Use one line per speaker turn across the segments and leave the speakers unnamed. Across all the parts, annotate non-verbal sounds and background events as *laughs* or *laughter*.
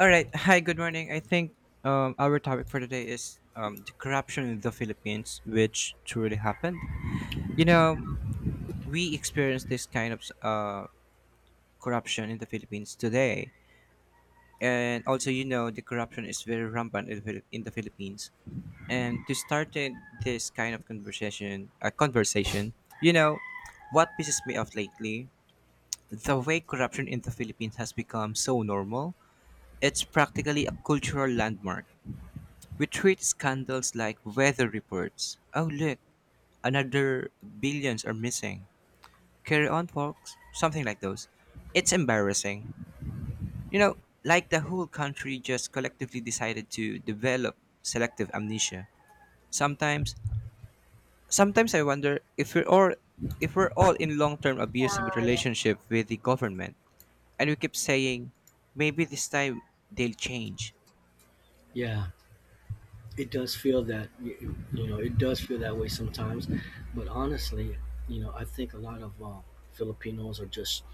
All right. Hi, good morning. I think our topic for today is the corruption in the Philippines, which truly happened. You know, we experience this kind of corruption in the Philippines today. And also, you know, the corruption is very rampant in the Philippines. And to start this kind of conversation, you know, what pisses me off lately, the way corruption in the Philippines has become so normal, it's practically a cultural landmark. We treat scandals like weather reports. Oh, look, another billions are missing. Carry on, folks. Something like those. It's embarrassing. You know, like the whole country just collectively decided to develop selective amnesia. Sometimes, sometimes I wonder if we're all in long-term abusive relationship with the government, and we keep saying, maybe this time they'll change.
Yeah, it does feel that you know it does feel that way sometimes, but honestly, you know I think a lot of Filipinos are just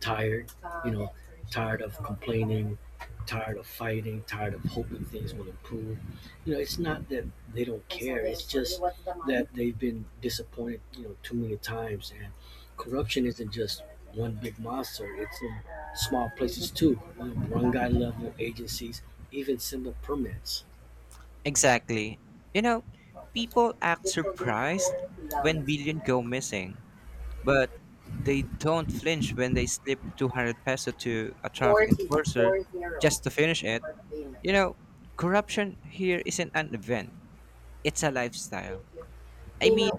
tired, you know, tired of complaining, tired of fighting, tired of hoping things will improve. You know, it's not that they don't care; it's just that they've been disappointed, you know, too many times. And corruption isn't just one big monster; it's in small places too. You know, one guy level agencies, even simple permits.
Exactly. You know, People act surprised when billion go missing, but they don't flinch when they slip 200 peso to a traffic enforcer just to finish it. You know, Corruption here isn't an event, it's a lifestyle. I mean,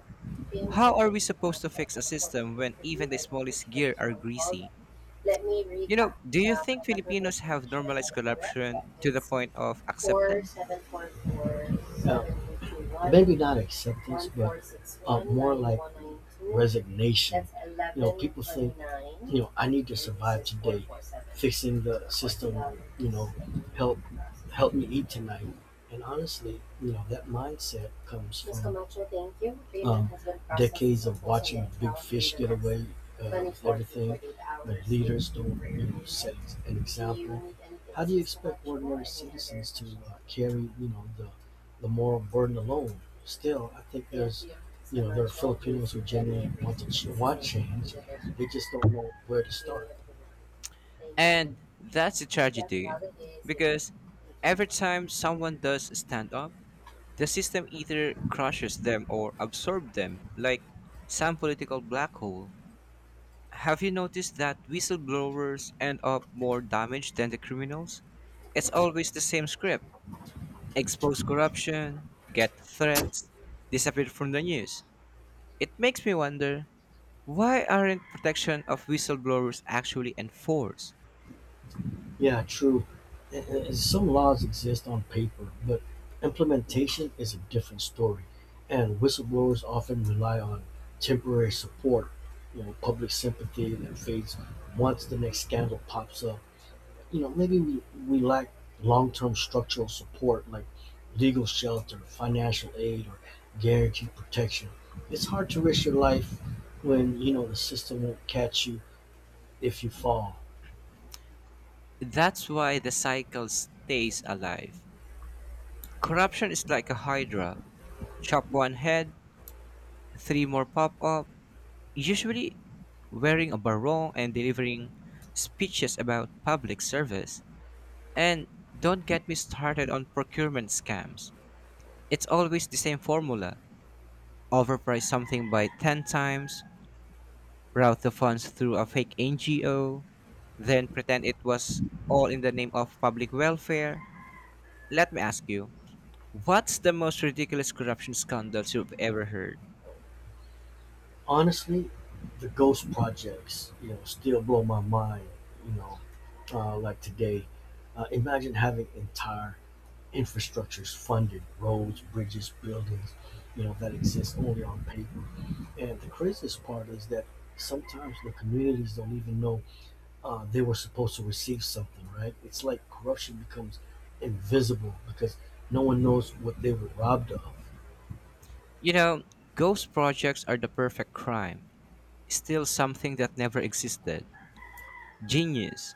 how are we supposed to fix a system when even the smallest gear are greasy? Do you think Filipinos have normalized corruption to the point of acceptance?
Maybe not acceptance, but more like resignation. You know, people think you know, I need to survive today. Fixing the system, will, you know, help me eat tonight. And honestly, you know, that mindset comes from um, decades of watching big fish get away uh, everything. The leaders don't, you know, set an example. How do you expect ordinary citizens to carry, you know, the moral burden alone? Still, I think there are Filipinos who genuinely want to want change. They just don't know where to start.
And that's a tragedy because every time someone does stand up, the system either crushes them or absorbs them, like some political black hole. Have you noticed that whistleblowers end up more damaged than the criminals? It's always the same script: expose corruption, get threats, disappear from the news. It makes me wonder, why aren't protection of whistleblowers actually enforced?
Yeah, true. Some laws exist on paper, but implementation is a different story. And whistleblowers often rely on temporary support, you know, public sympathy that fades once the next scandal pops up. You know, maybe we lack long term structural support like legal shelter, financial aid, or guaranteed protection. It's hard to risk your life when, you know, the system won't catch you if you fall.
That's why the cycle stays alive. Corruption is like a hydra. Chop one head, three more pop up, usually wearing a barong and delivering speeches about public service. And don't get me started on procurement scams. It's always the same formula. Overprice something by 10 times, route the funds through a fake NGO, then pretend it was all in the name of public welfare. Let me ask you, what's the most ridiculous corruption scandals you've ever heard?
Honestly, the ghost projects, you know, still blow my mind. You know, like today, imagine having entire infrastructures funded, roads, bridges, buildings, you know, that exist only on paper. And the craziest part is that sometimes the communities don't even know they were supposed to receive something, right? It's like corruption becomes invisible because no one knows what they were robbed of.
You know, Ghost projects are the perfect crime. Still something that never existed. Genius,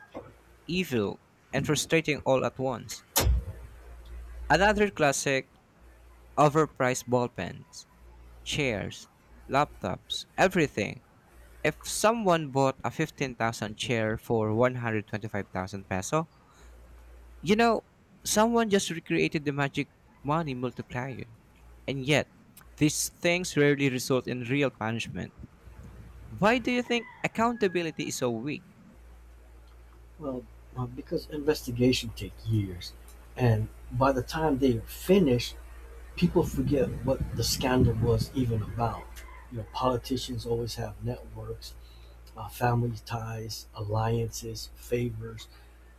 evil, and frustrating all at once. Another classic, overpriced ballpens, chairs, laptops, everything. If someone bought a 15,000 chair for 125,000 peso, You know, someone just recreated the magic money multiplier. And yet, these things rarely result in real punishment. Why do you think accountability is so weak?
Well, because investigation take years, and by the time they are finished, people forget what the scandal was even about. You know, politicians always have networks, family ties, alliances, favors.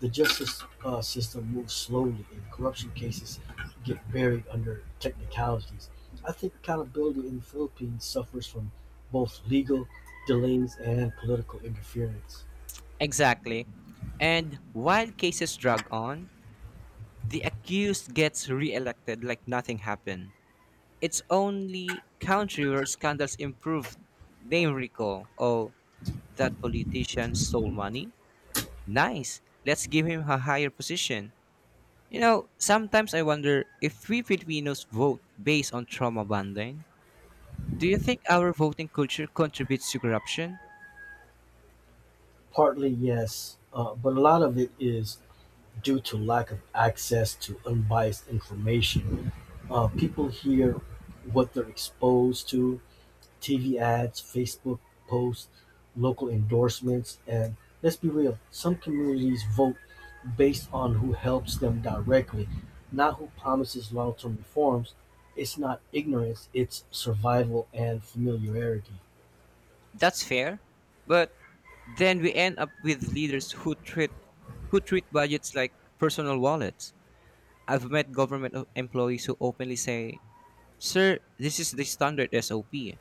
The justice system moves slowly, and corruption cases get buried under technicalities. I think accountability in the Philippines suffers from both legal delays and political interference.
Exactly. And while cases drag on, the accused gets re-elected like nothing happened. It's only country where scandals improve name recall. Oh, that politician stole money? Nice. Let's give him a higher position. Sometimes I wonder if we Filipinos vote based on trauma bonding. Do you think our voting culture contributes to corruption?
Partly, yes, but a lot of it is due to lack of access to unbiased information. People hear what they're exposed to TV ads, Facebook posts, local endorsements, and let's be real, some communities vote based on who helps them directly, not who promises long term reforms. It's not ignorance, it's survival and familiarity.
That's fair, but then we end up with leaders who treat budgets like personal wallets. I've met government employees who openly say, "Sir, this is the standard SOP."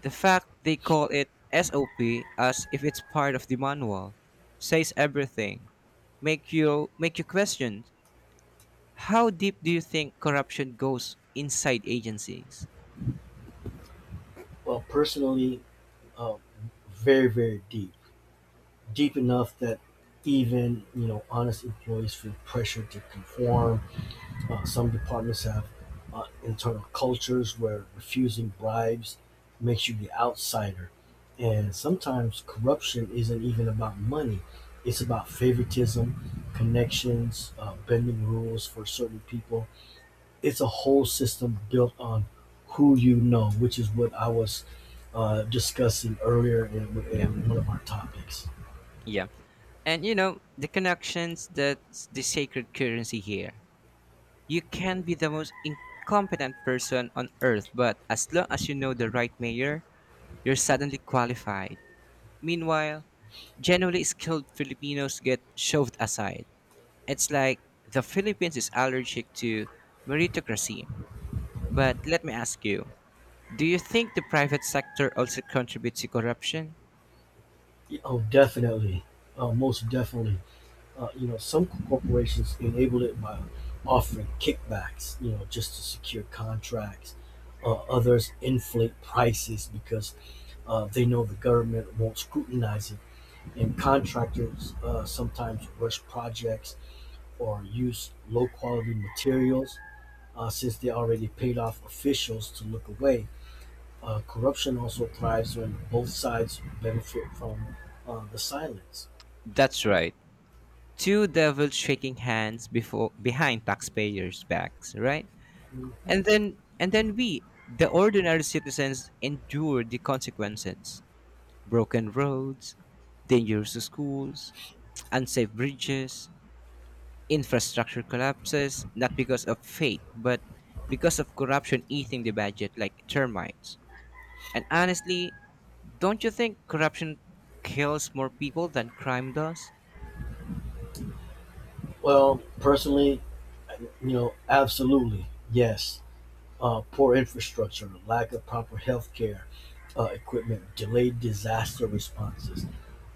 The fact they call it SOP as if it's part of the manual says everything. Make you question. How deep do you think corruption goes inside agencies?
Well, personally, uh, very, very deep. Deep enough that even you know honest employees feel pressured to conform. Some departments have internal cultures where refusing bribes makes you the outsider, and sometimes corruption isn't even about money; it's about favoritism, connections, bending rules for certain people. It's a whole system built on who you know, which is what I was discussing earlier
Yeah.
in one of our topics.
Yeah. And the connections, that's the sacred currency here. You can be the most incompetent person on earth, but as long as you know the right mayor, you're suddenly qualified. Meanwhile, generally skilled Filipinos get shoved aside. It's like the Philippines is allergic to meritocracy. But let me ask you, do you think the private sector also contributes to corruption?
Oh, definitely. Most definitely. You know, some corporations enable it by offering kickbacks, you know, just to secure contracts. Others inflate prices because they know the government won't scrutinize it. And contractors sometimes rush projects or use low quality materials since they already paid off officials to look away. Corruption also thrives when both sides benefit from the silence.
That's right. Two devils shaking hands before behind taxpayers' backs, right? And then we, the ordinary citizens, endure the consequences. Broken roads, dangerous schools, unsafe bridges, infrastructure collapses, not because of fate, but because of corruption eating the budget like termites. And honestly, don't you think corruption kills more people than crime does?
Well, personally, you know, absolutely, yes. Poor infrastructure, lack of proper healthcare equipment, delayed disaster responses,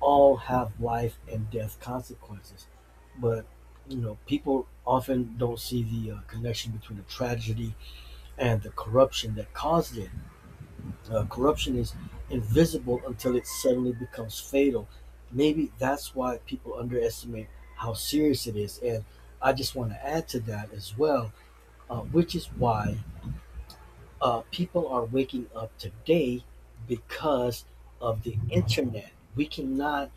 all have life and death consequences. But you know, people often don't see the connection between the tragedy and the corruption that caused it. Uh, corruption is invisible until it suddenly becomes fatal. Maybe that's why people underestimate how serious it is. And I just want to add to that as well, which is why people are waking up today because of the internet. We cannot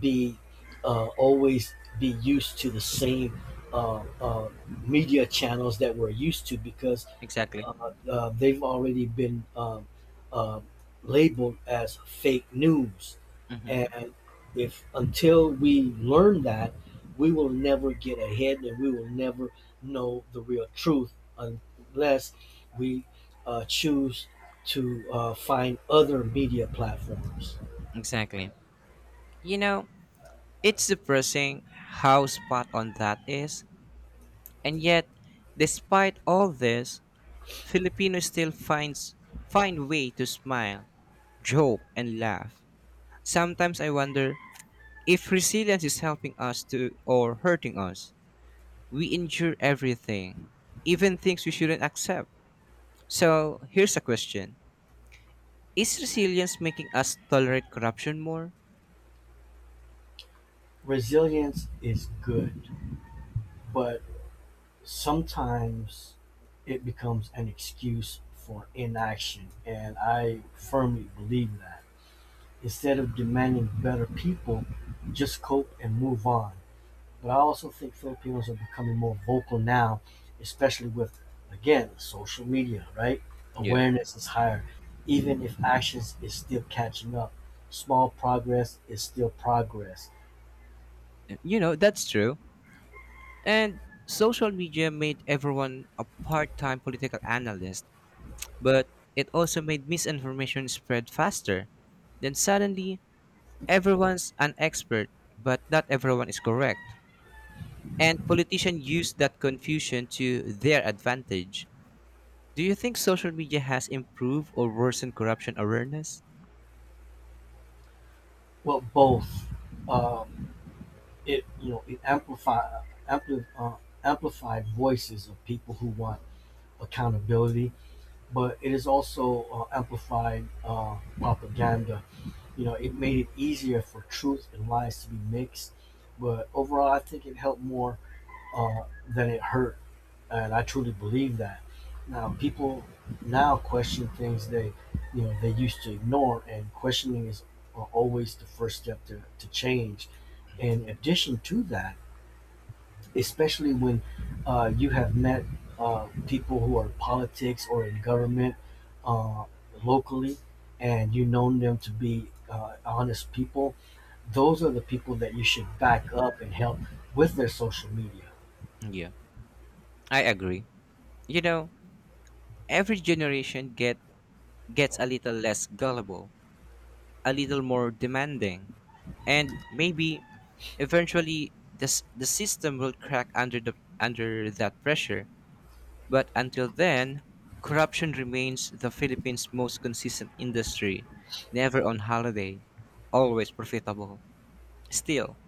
be always be used to the same uh, uh, media channels that we're used to because
Exactly.
they've already been uh, labeled as fake news. And if until we learn that, we will never get ahead and we will never know the real truth unless we choose to find other media platforms.
Exactly. You know, it's depressing how spot on that is. And yet, despite all this, Filipinos still find way to smile, joke, and laugh. Sometimes I wonder if resilience is helping us to or hurting us. We endure everything, even things we shouldn't accept. So, here's a question. Is resilience making us tolerate corruption more?
Resilience is good, but sometimes it becomes an excuse for inaction, and I firmly believe that. Instead of demanding better people, just cope and move on. But I also think Filipinos are becoming more vocal now, especially with, again, social media, right?
Yeah.
Awareness is higher. Even if actions is still catching up, small progress is still progress.
That's true. And social media made everyone a part time political analyst, but it also made misinformation spread faster. Then suddenly, everyone's an expert, but not everyone is correct. And politicians use that confusion to their advantage. Do you think social media has improved or worsened corruption awareness?
Well, both. Um, it you know it ampli- uh, amplified voices of people who want accountability but it is also amplified propaganda. You know, it made it easier for truth and lies to be mixed, but overall, I think it helped more than it hurt, and I truly believe that. Now, people now question things they, you know, they used to ignore, and questioning is always the first step to change. In addition to that, especially when you have met people who are in politics or in government uh, locally, and you've known them to be honest people. Those are the people that you should back up and help with their social media,
Yeah. I agree. You know, every generation gets a little less gullible, a little more demanding. And maybe eventually the system will crack under that pressure. But until then, corruption remains the Philippines' most consistent industry, never on holiday, always profitable. Still,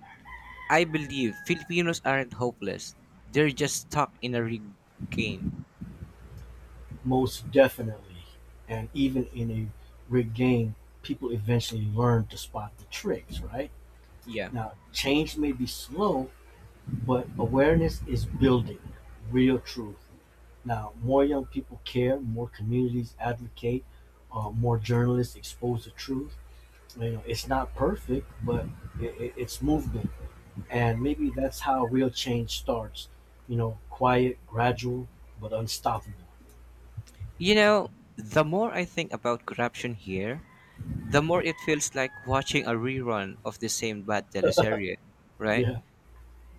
I believe Filipinos aren't hopeless. They're just stuck in a rigged game.
most definitely. And even in a rigged game, people eventually learn to spot the tricks, right?
Yeah.
Now, change may be slow, but awareness is building real truth. Now, more young people care, more communities advocate, more journalists expose the truth. You know, it's not perfect, but it's movement, and maybe that's how real change starts. You know, quiet, gradual, but unstoppable.
You know, the more I think about corruption here, the more it feels like watching a rerun of the same bad teleserye, right?
Yeah,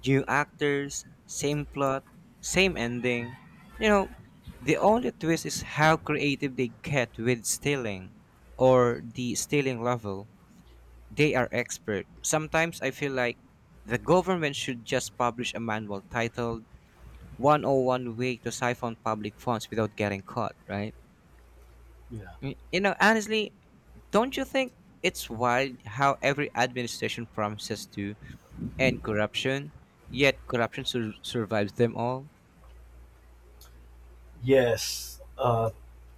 New actors, same plot, same ending. You know, the only twist is how creative they get with stealing or the stealing level. They are expert. Sometimes I feel like the government should just publish a manual titled 101 Way to Siphon Public Funds Without Getting Caught, right?
yeah,
Honestly, don't you think it's wild how every administration promises to end corruption, yet corruption survives them all?
yes.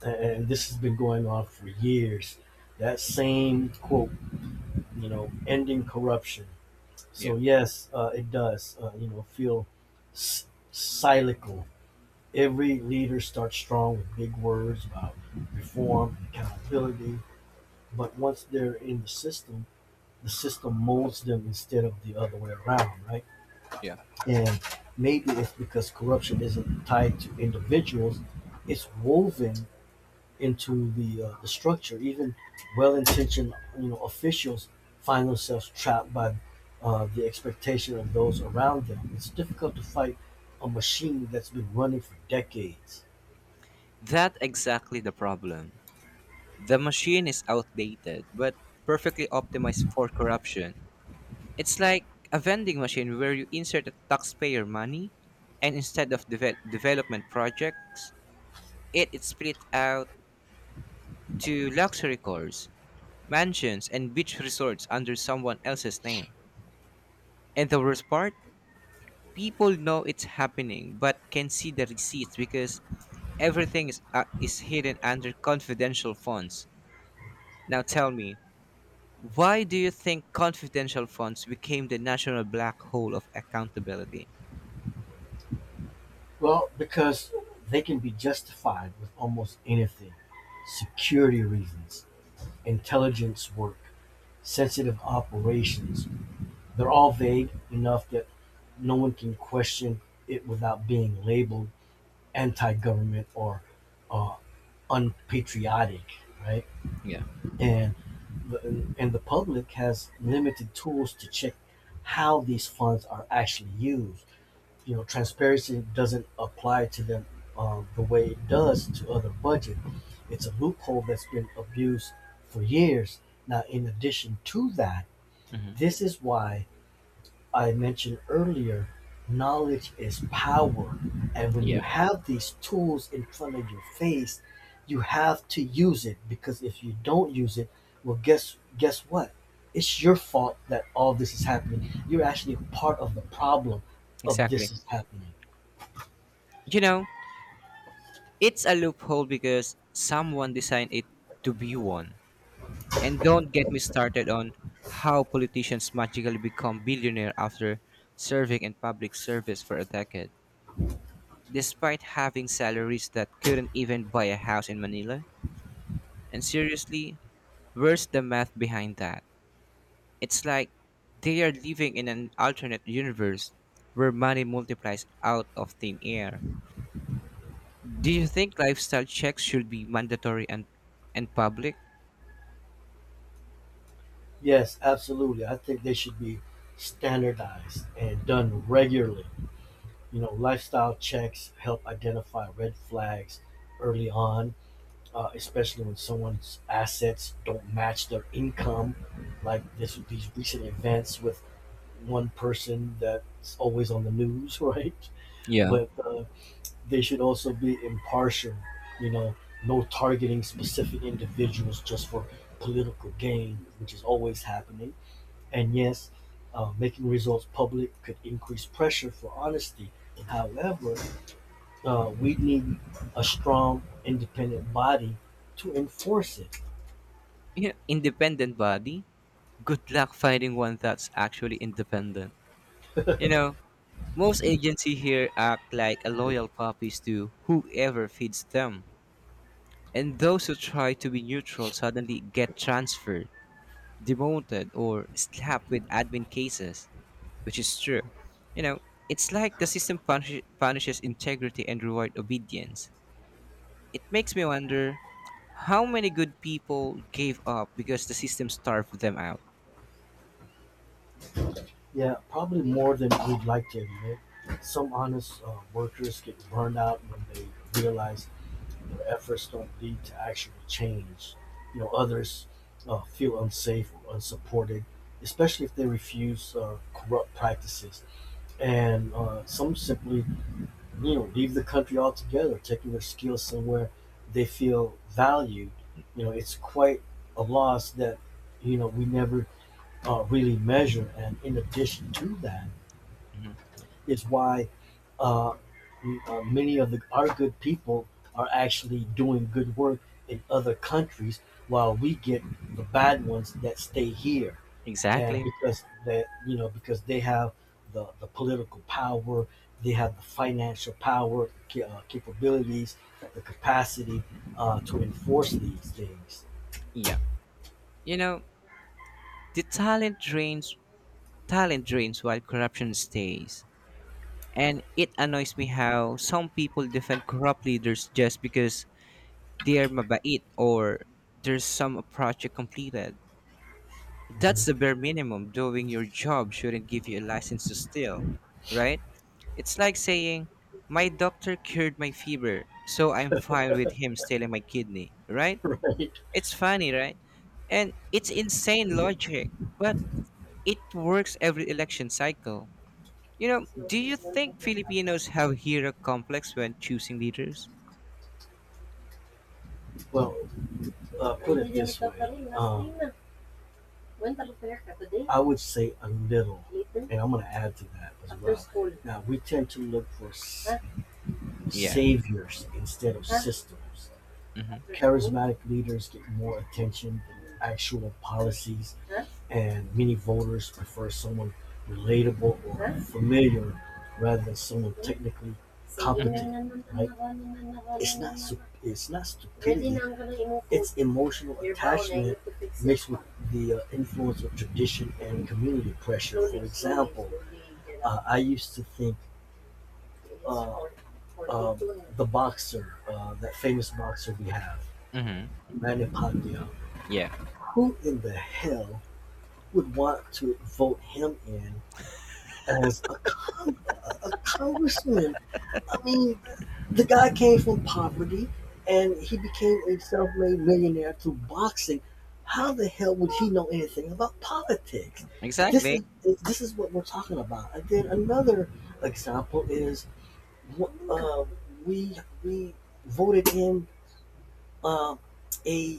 And this has been going on for years. That same quote, you know, ending corruption. So
Yeah,
yes, it does. You know, feel s- cyclical. Every leader starts strong with big words about reform and accountability, but once they're in the system molds them instead of the other way around, right?
yeah.
And maybe it's because corruption isn't tied to individuals, it's woven into the structure. Even well-intentioned, you know, officials find themselves trapped by the expectation of those around them. It's difficult to fight a machine that's been running for decades.
That's exactly the problem. The machine is outdated, but perfectly optimized for corruption. It's like a vending machine where you insert the taxpayer money, and instead of development projects, it is split out to luxury cars, mansions, and beach resorts under someone else's name. And the worst part? People know it's happening but can see the receipts because everything is hidden under confidential funds. Now tell me, why do you think confidential funds became the national black hole of accountability?
Well, because they can be justified with almost anything. Security reasons, intelligence work, sensitive operations. They're all vague enough that no one can question it without being labeled anti government or uh, unpatriotic, right?
Yeah.
And and the public has limited tools to check how these funds are actually used you know transparency doesn't apply to them the way it does to other budget. It's a loophole that's been abused for years. Now, in addition to that,
Hmm.
this is why I mentioned earlier, knowledge is power, and when you
Yeah.
have these tools in front of your face, you have to use it because if you don't use it, well, guess what? It's your fault that all this is happening. You're actually part of the problem of this
Exactly.
is happening.
You know, it's a loophole because someone designed it to be one. And don't get me started on how politicians magically become billionaire after serving in public service for a decade, despite having salaries that couldn't even buy a house in Manila. And seriously, where's the math behind that? It's like they are living in an alternate universe where money multiplies out of thin air. Do you think lifestyle checks should be mandatory and public?
Yes, absolutely. I think they should be standardized and done regularly. You know, lifestyle checks help identify red flags early on, especially when someone's assets don't match their income. Like this, these recent events with one person that's always on the news, *laughs* right?
Yeah.
But they should also be impartial. You know, no targeting specific individuals just for political gain, which is always happening and yes, making results public could increase pressure for honesty. However, we need a strong, independent body to enforce it.
Independent body, good luck finding one that's actually independent. You know, Most agency here act like a loyal puppies to whoever feeds them. And those who try to be neutral suddenly get transferred, demoted, or slapped with admin cases, which is true. You know, it's like the system punishes integrity and reward obedience. It makes me wonder how many good people gave up because the system starved them out.
Yeah, probably more than we'd like to admit. Some honest workers get burned out when they realize their efforts don't lead to actual change. You know, others feel unsafe or unsupported, especially if they refuse corrupt practices. And some simply you know leave the country altogether, taking their skills somewhere they feel valued. You know, it's quite a loss that you know we never really measure. And in addition to that,
Mhm.
is why uh, many of the our good people are actually doing good work in other countries, while we get the bad ones that stay here and
Exactly.
because they you know because they have the political power they have the financial power capabilities the capacity to enforce these things
Yeah. You know, the talent drains while corruption stays. And it annoys me how some people defend corrupt leaders just because they're mabait or there's some project completed. That's the
*laughs*
bare minimum. Doing your job shouldn't give you a license to steal, right? It's like saying, "My doctor cured my fever, so I'm fine with him stealing my kidney," right?
right
It's funny, right? And it's insane logic, but it works every election cycle. Do you think Filipinos have hero complex when choosing leaders?
well put it this way I would say a little and I'm going to add to that as well now we tend to look for
Yeah.
saviors instead of systems
Mm-hmm.
charismatic leaders get more attention than actual policies and many voters prefer someone relatable or familiar rather than someone technically.
Mm-hmm.
Competent, right? It's not it's not stupidity. It's emotional attachment mixed with the influence of tradition and community pressure. For example, I used to think uh, um, the boxer, that famous boxer we have,
Mm-hmm.
Manny Pacquiao.
Yeah.
Who in the hell would want to vote him in as a congressman. I mean, the guy came from poverty and he became a self made millionaire through boxing. How the hell would he know anything about politics? This
Exactly.
is this is what we're talking about. And then another example is uh, we we voted in uh, a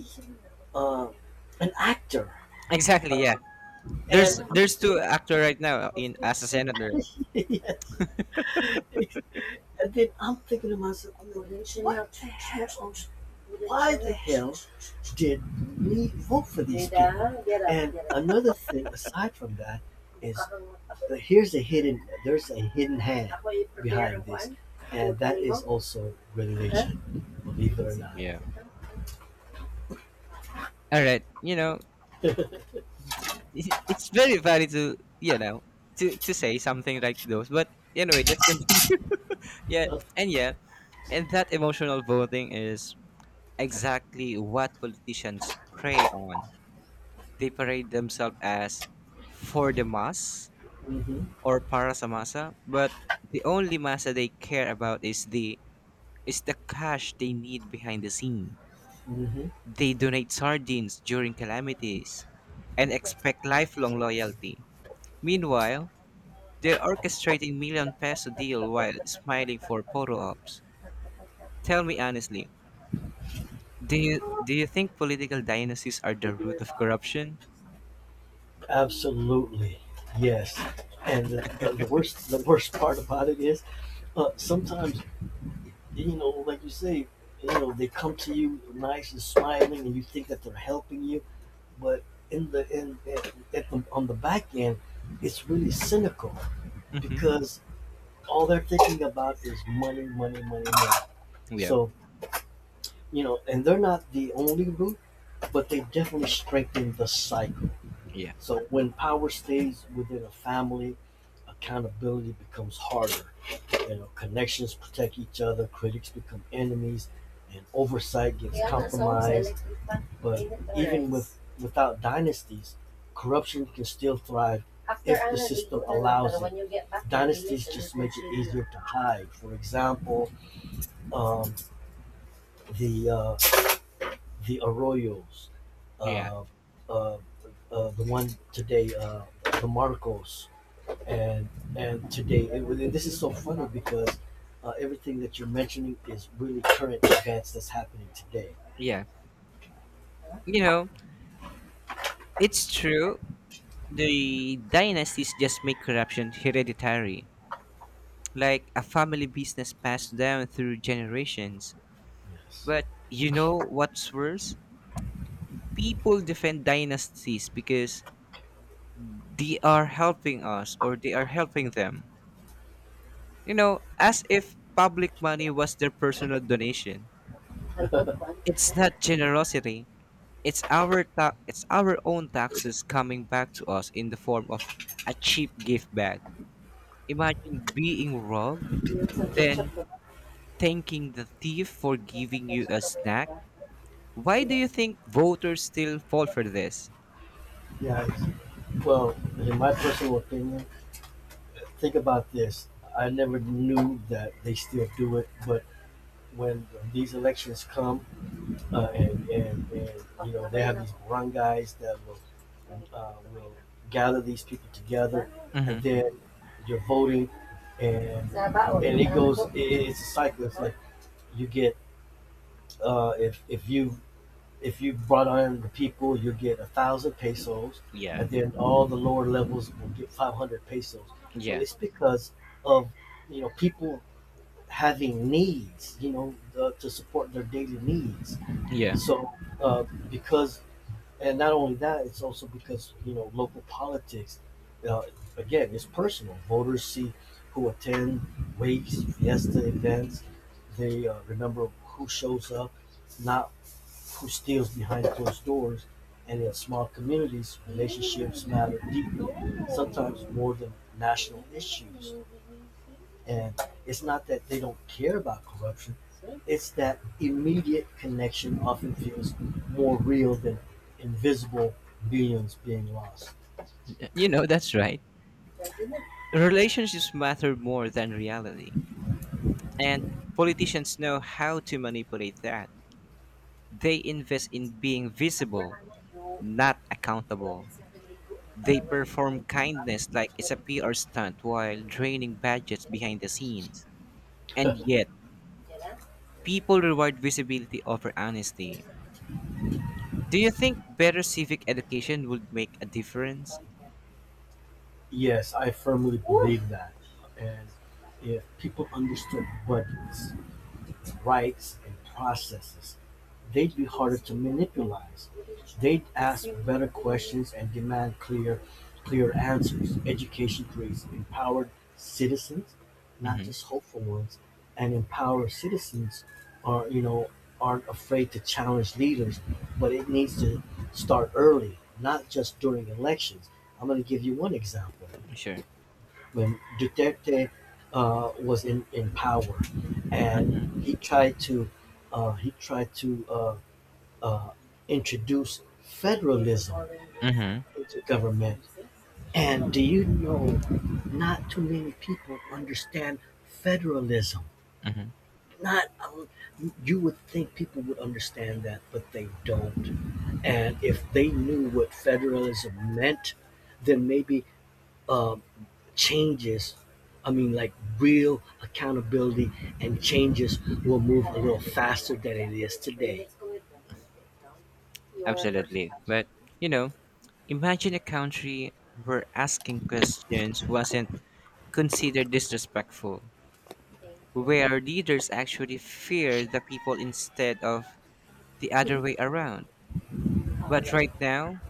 uh, an actor,
Exactly, yeah.
uh,
There's
and
two actor right now in as a senator.
*laughs* yeah, and then I'm thinking to myself, I'm like, what the hell? Why the hell did we vote for these people? And another thing, aside from that, is there's a hidden hand behind this. And that is also religion, believe it or not.
Yeah. All right. *laughs* It's very valid to you know to say something like those. But anyway, let's continue. *laughs* yeah, and yeah, and that emotional voting is exactly what politicians prey on. They parade themselves as "for the mass"
Hmm.
or "para sa masa", but the only masa they care about is the cash they need behind the scene.
Hmm.
They donate sardines during calamities and expect lifelong loyalty. Meanwhile, they're orchestrating million peso deal while smiling for photo ops. Tell me honestly, do you think political dynasties are the root of corruption?
Absolutely, yes. And the worst part about it is, sometimes like you say, you know, they come to you nice and smiling, and you think that they're helping you, but in the in at the, on the back end, it's really cynical
Mm-hmm.
because all they're thinking about is money, money, money, money.
Yeah.
So you know, and they're not the only root, but they definitely strengthen the cycle.
Yeah.
So when power stays within a family, accountability becomes harder. You know, connections protect each other, critics become enemies, and oversight gets, yeah, compromised. But even without dynasties, corruption can still thrive if the system allows it. Dynasties just make it easier to hide. For example, um, the uh, the Arroyos,
Yeah.
uh, uh, the one today, the Marcos, and and today this is so funny because everything that you're mentioning is really current events that's happening today.
Yeah. You know, it's true. The dynasties just make corruption hereditary, like a family business passed down through generations.
Yes.
But you know what's worse? People defend dynasties because they are helping us or they are helping them. As if public money was their personal donation. It's not generosity. It's our own taxes coming back to us in the form of a cheap gift bag. Imagine being robbed, then thanking the thief for giving you a snack. Why do you think voters still fall for this?
yeah it's- well, in my personal opinion, think about this. I never knew that they still do it, but when these elections come, and you know, they have these barangays that will gather these people together, and
Hmm.
then you're voting and it goes it's a cycle. It's like you get, uh, if if you if you brought on the people, you get 1,000 pesos,
Yeah,
and then all the lower levels will get 500 pesos. Well,
yeah,
it's because of, you know, people having needs, you know, to support their daily needs.
yeah.
So, uh, because and not only that, it's also because, you know, local politics. Uh, again, it's personal. Voters see who attend wakes, fiesta events. They remember who shows up, not who steals behind closed doors. And in small communities, relationships matter deeply, sometimes more than national issues. And it's not that they don't care about corruption; it's that immediate connection often feels more real than invisible beings being lost.
That's right. Relationships matter more than reality, and politicians know how to manipulate that. They invest in being visible, not accountable. They perform kindness like it's a PR stunt while draining budgets behind the scenes. And yet, people reward visibility over honesty. Do you think better civic education would make a difference?
Yes, I firmly believe that. And if people understood what rights and processes. They'd be harder to manipulate. They'd ask better questions and demand clear answers. Education creates empowered citizens, not
Mm-hmm.
just hopeful ones. And empowered citizens are, you know, aren't afraid to challenge leaders, but it needs to start early, not just during elections. I'm going to give you one example.
Sure.
When Duterte was in power,
Mm-hmm.
and he tried to uh, he tried to uh, uh, introduce federalism
Mm-hmm.
into government. And do you know, not too many people understand federalism. Not you would think people would understand that, but they don't. And if they knew what federalism meant, then maybe, uh, changes, I mean, like real accountability and changes will move a little faster than it is today.
Absolutely. But, you know, imagine a country where asking questions wasn't considered disrespectful, where leaders actually fear the people instead of the other way around. But right now,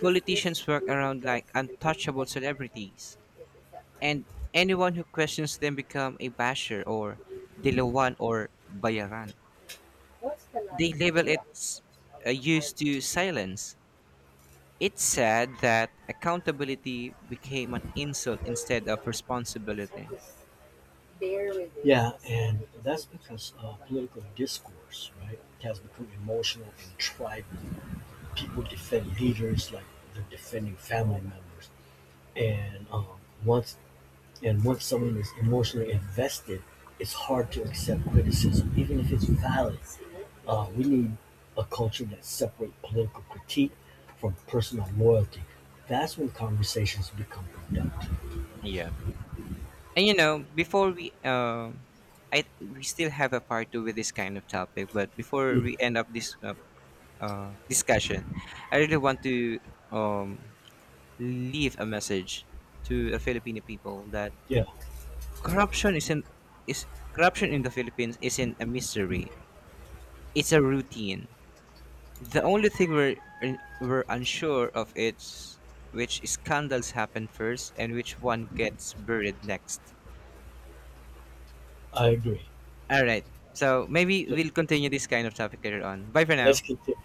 politicians work around like untouchable celebrities, and anyone who questions them become a basher or dilawan or bayaran. They label it used to silence. It's sad that accountability became an insult instead of responsibility.
Yeah, and that's because, political discourse, right, has become emotional and tribal. People defend leaders like they're defending family members. And um, once And once someone is emotionally invested, it's hard to accept criticism, even if it's valid. We need a culture that separates political critique from personal loyalty. That's when conversations become productive.
Yeah. And before we still have a part two with this kind of topic. But before
Mm,
we end up this discussion, I really want to um, leave a message to the Filipino people that
yeah,
corruption isn't is corruption in the Philippines isn't a mystery. It's a routine. The only thing we're unsure of is which scandals happen first and which one gets buried next.
I agree.
All right. So maybe
Th-
we'll continue this kind of topic later on. Bye for
Let's
now.
continue.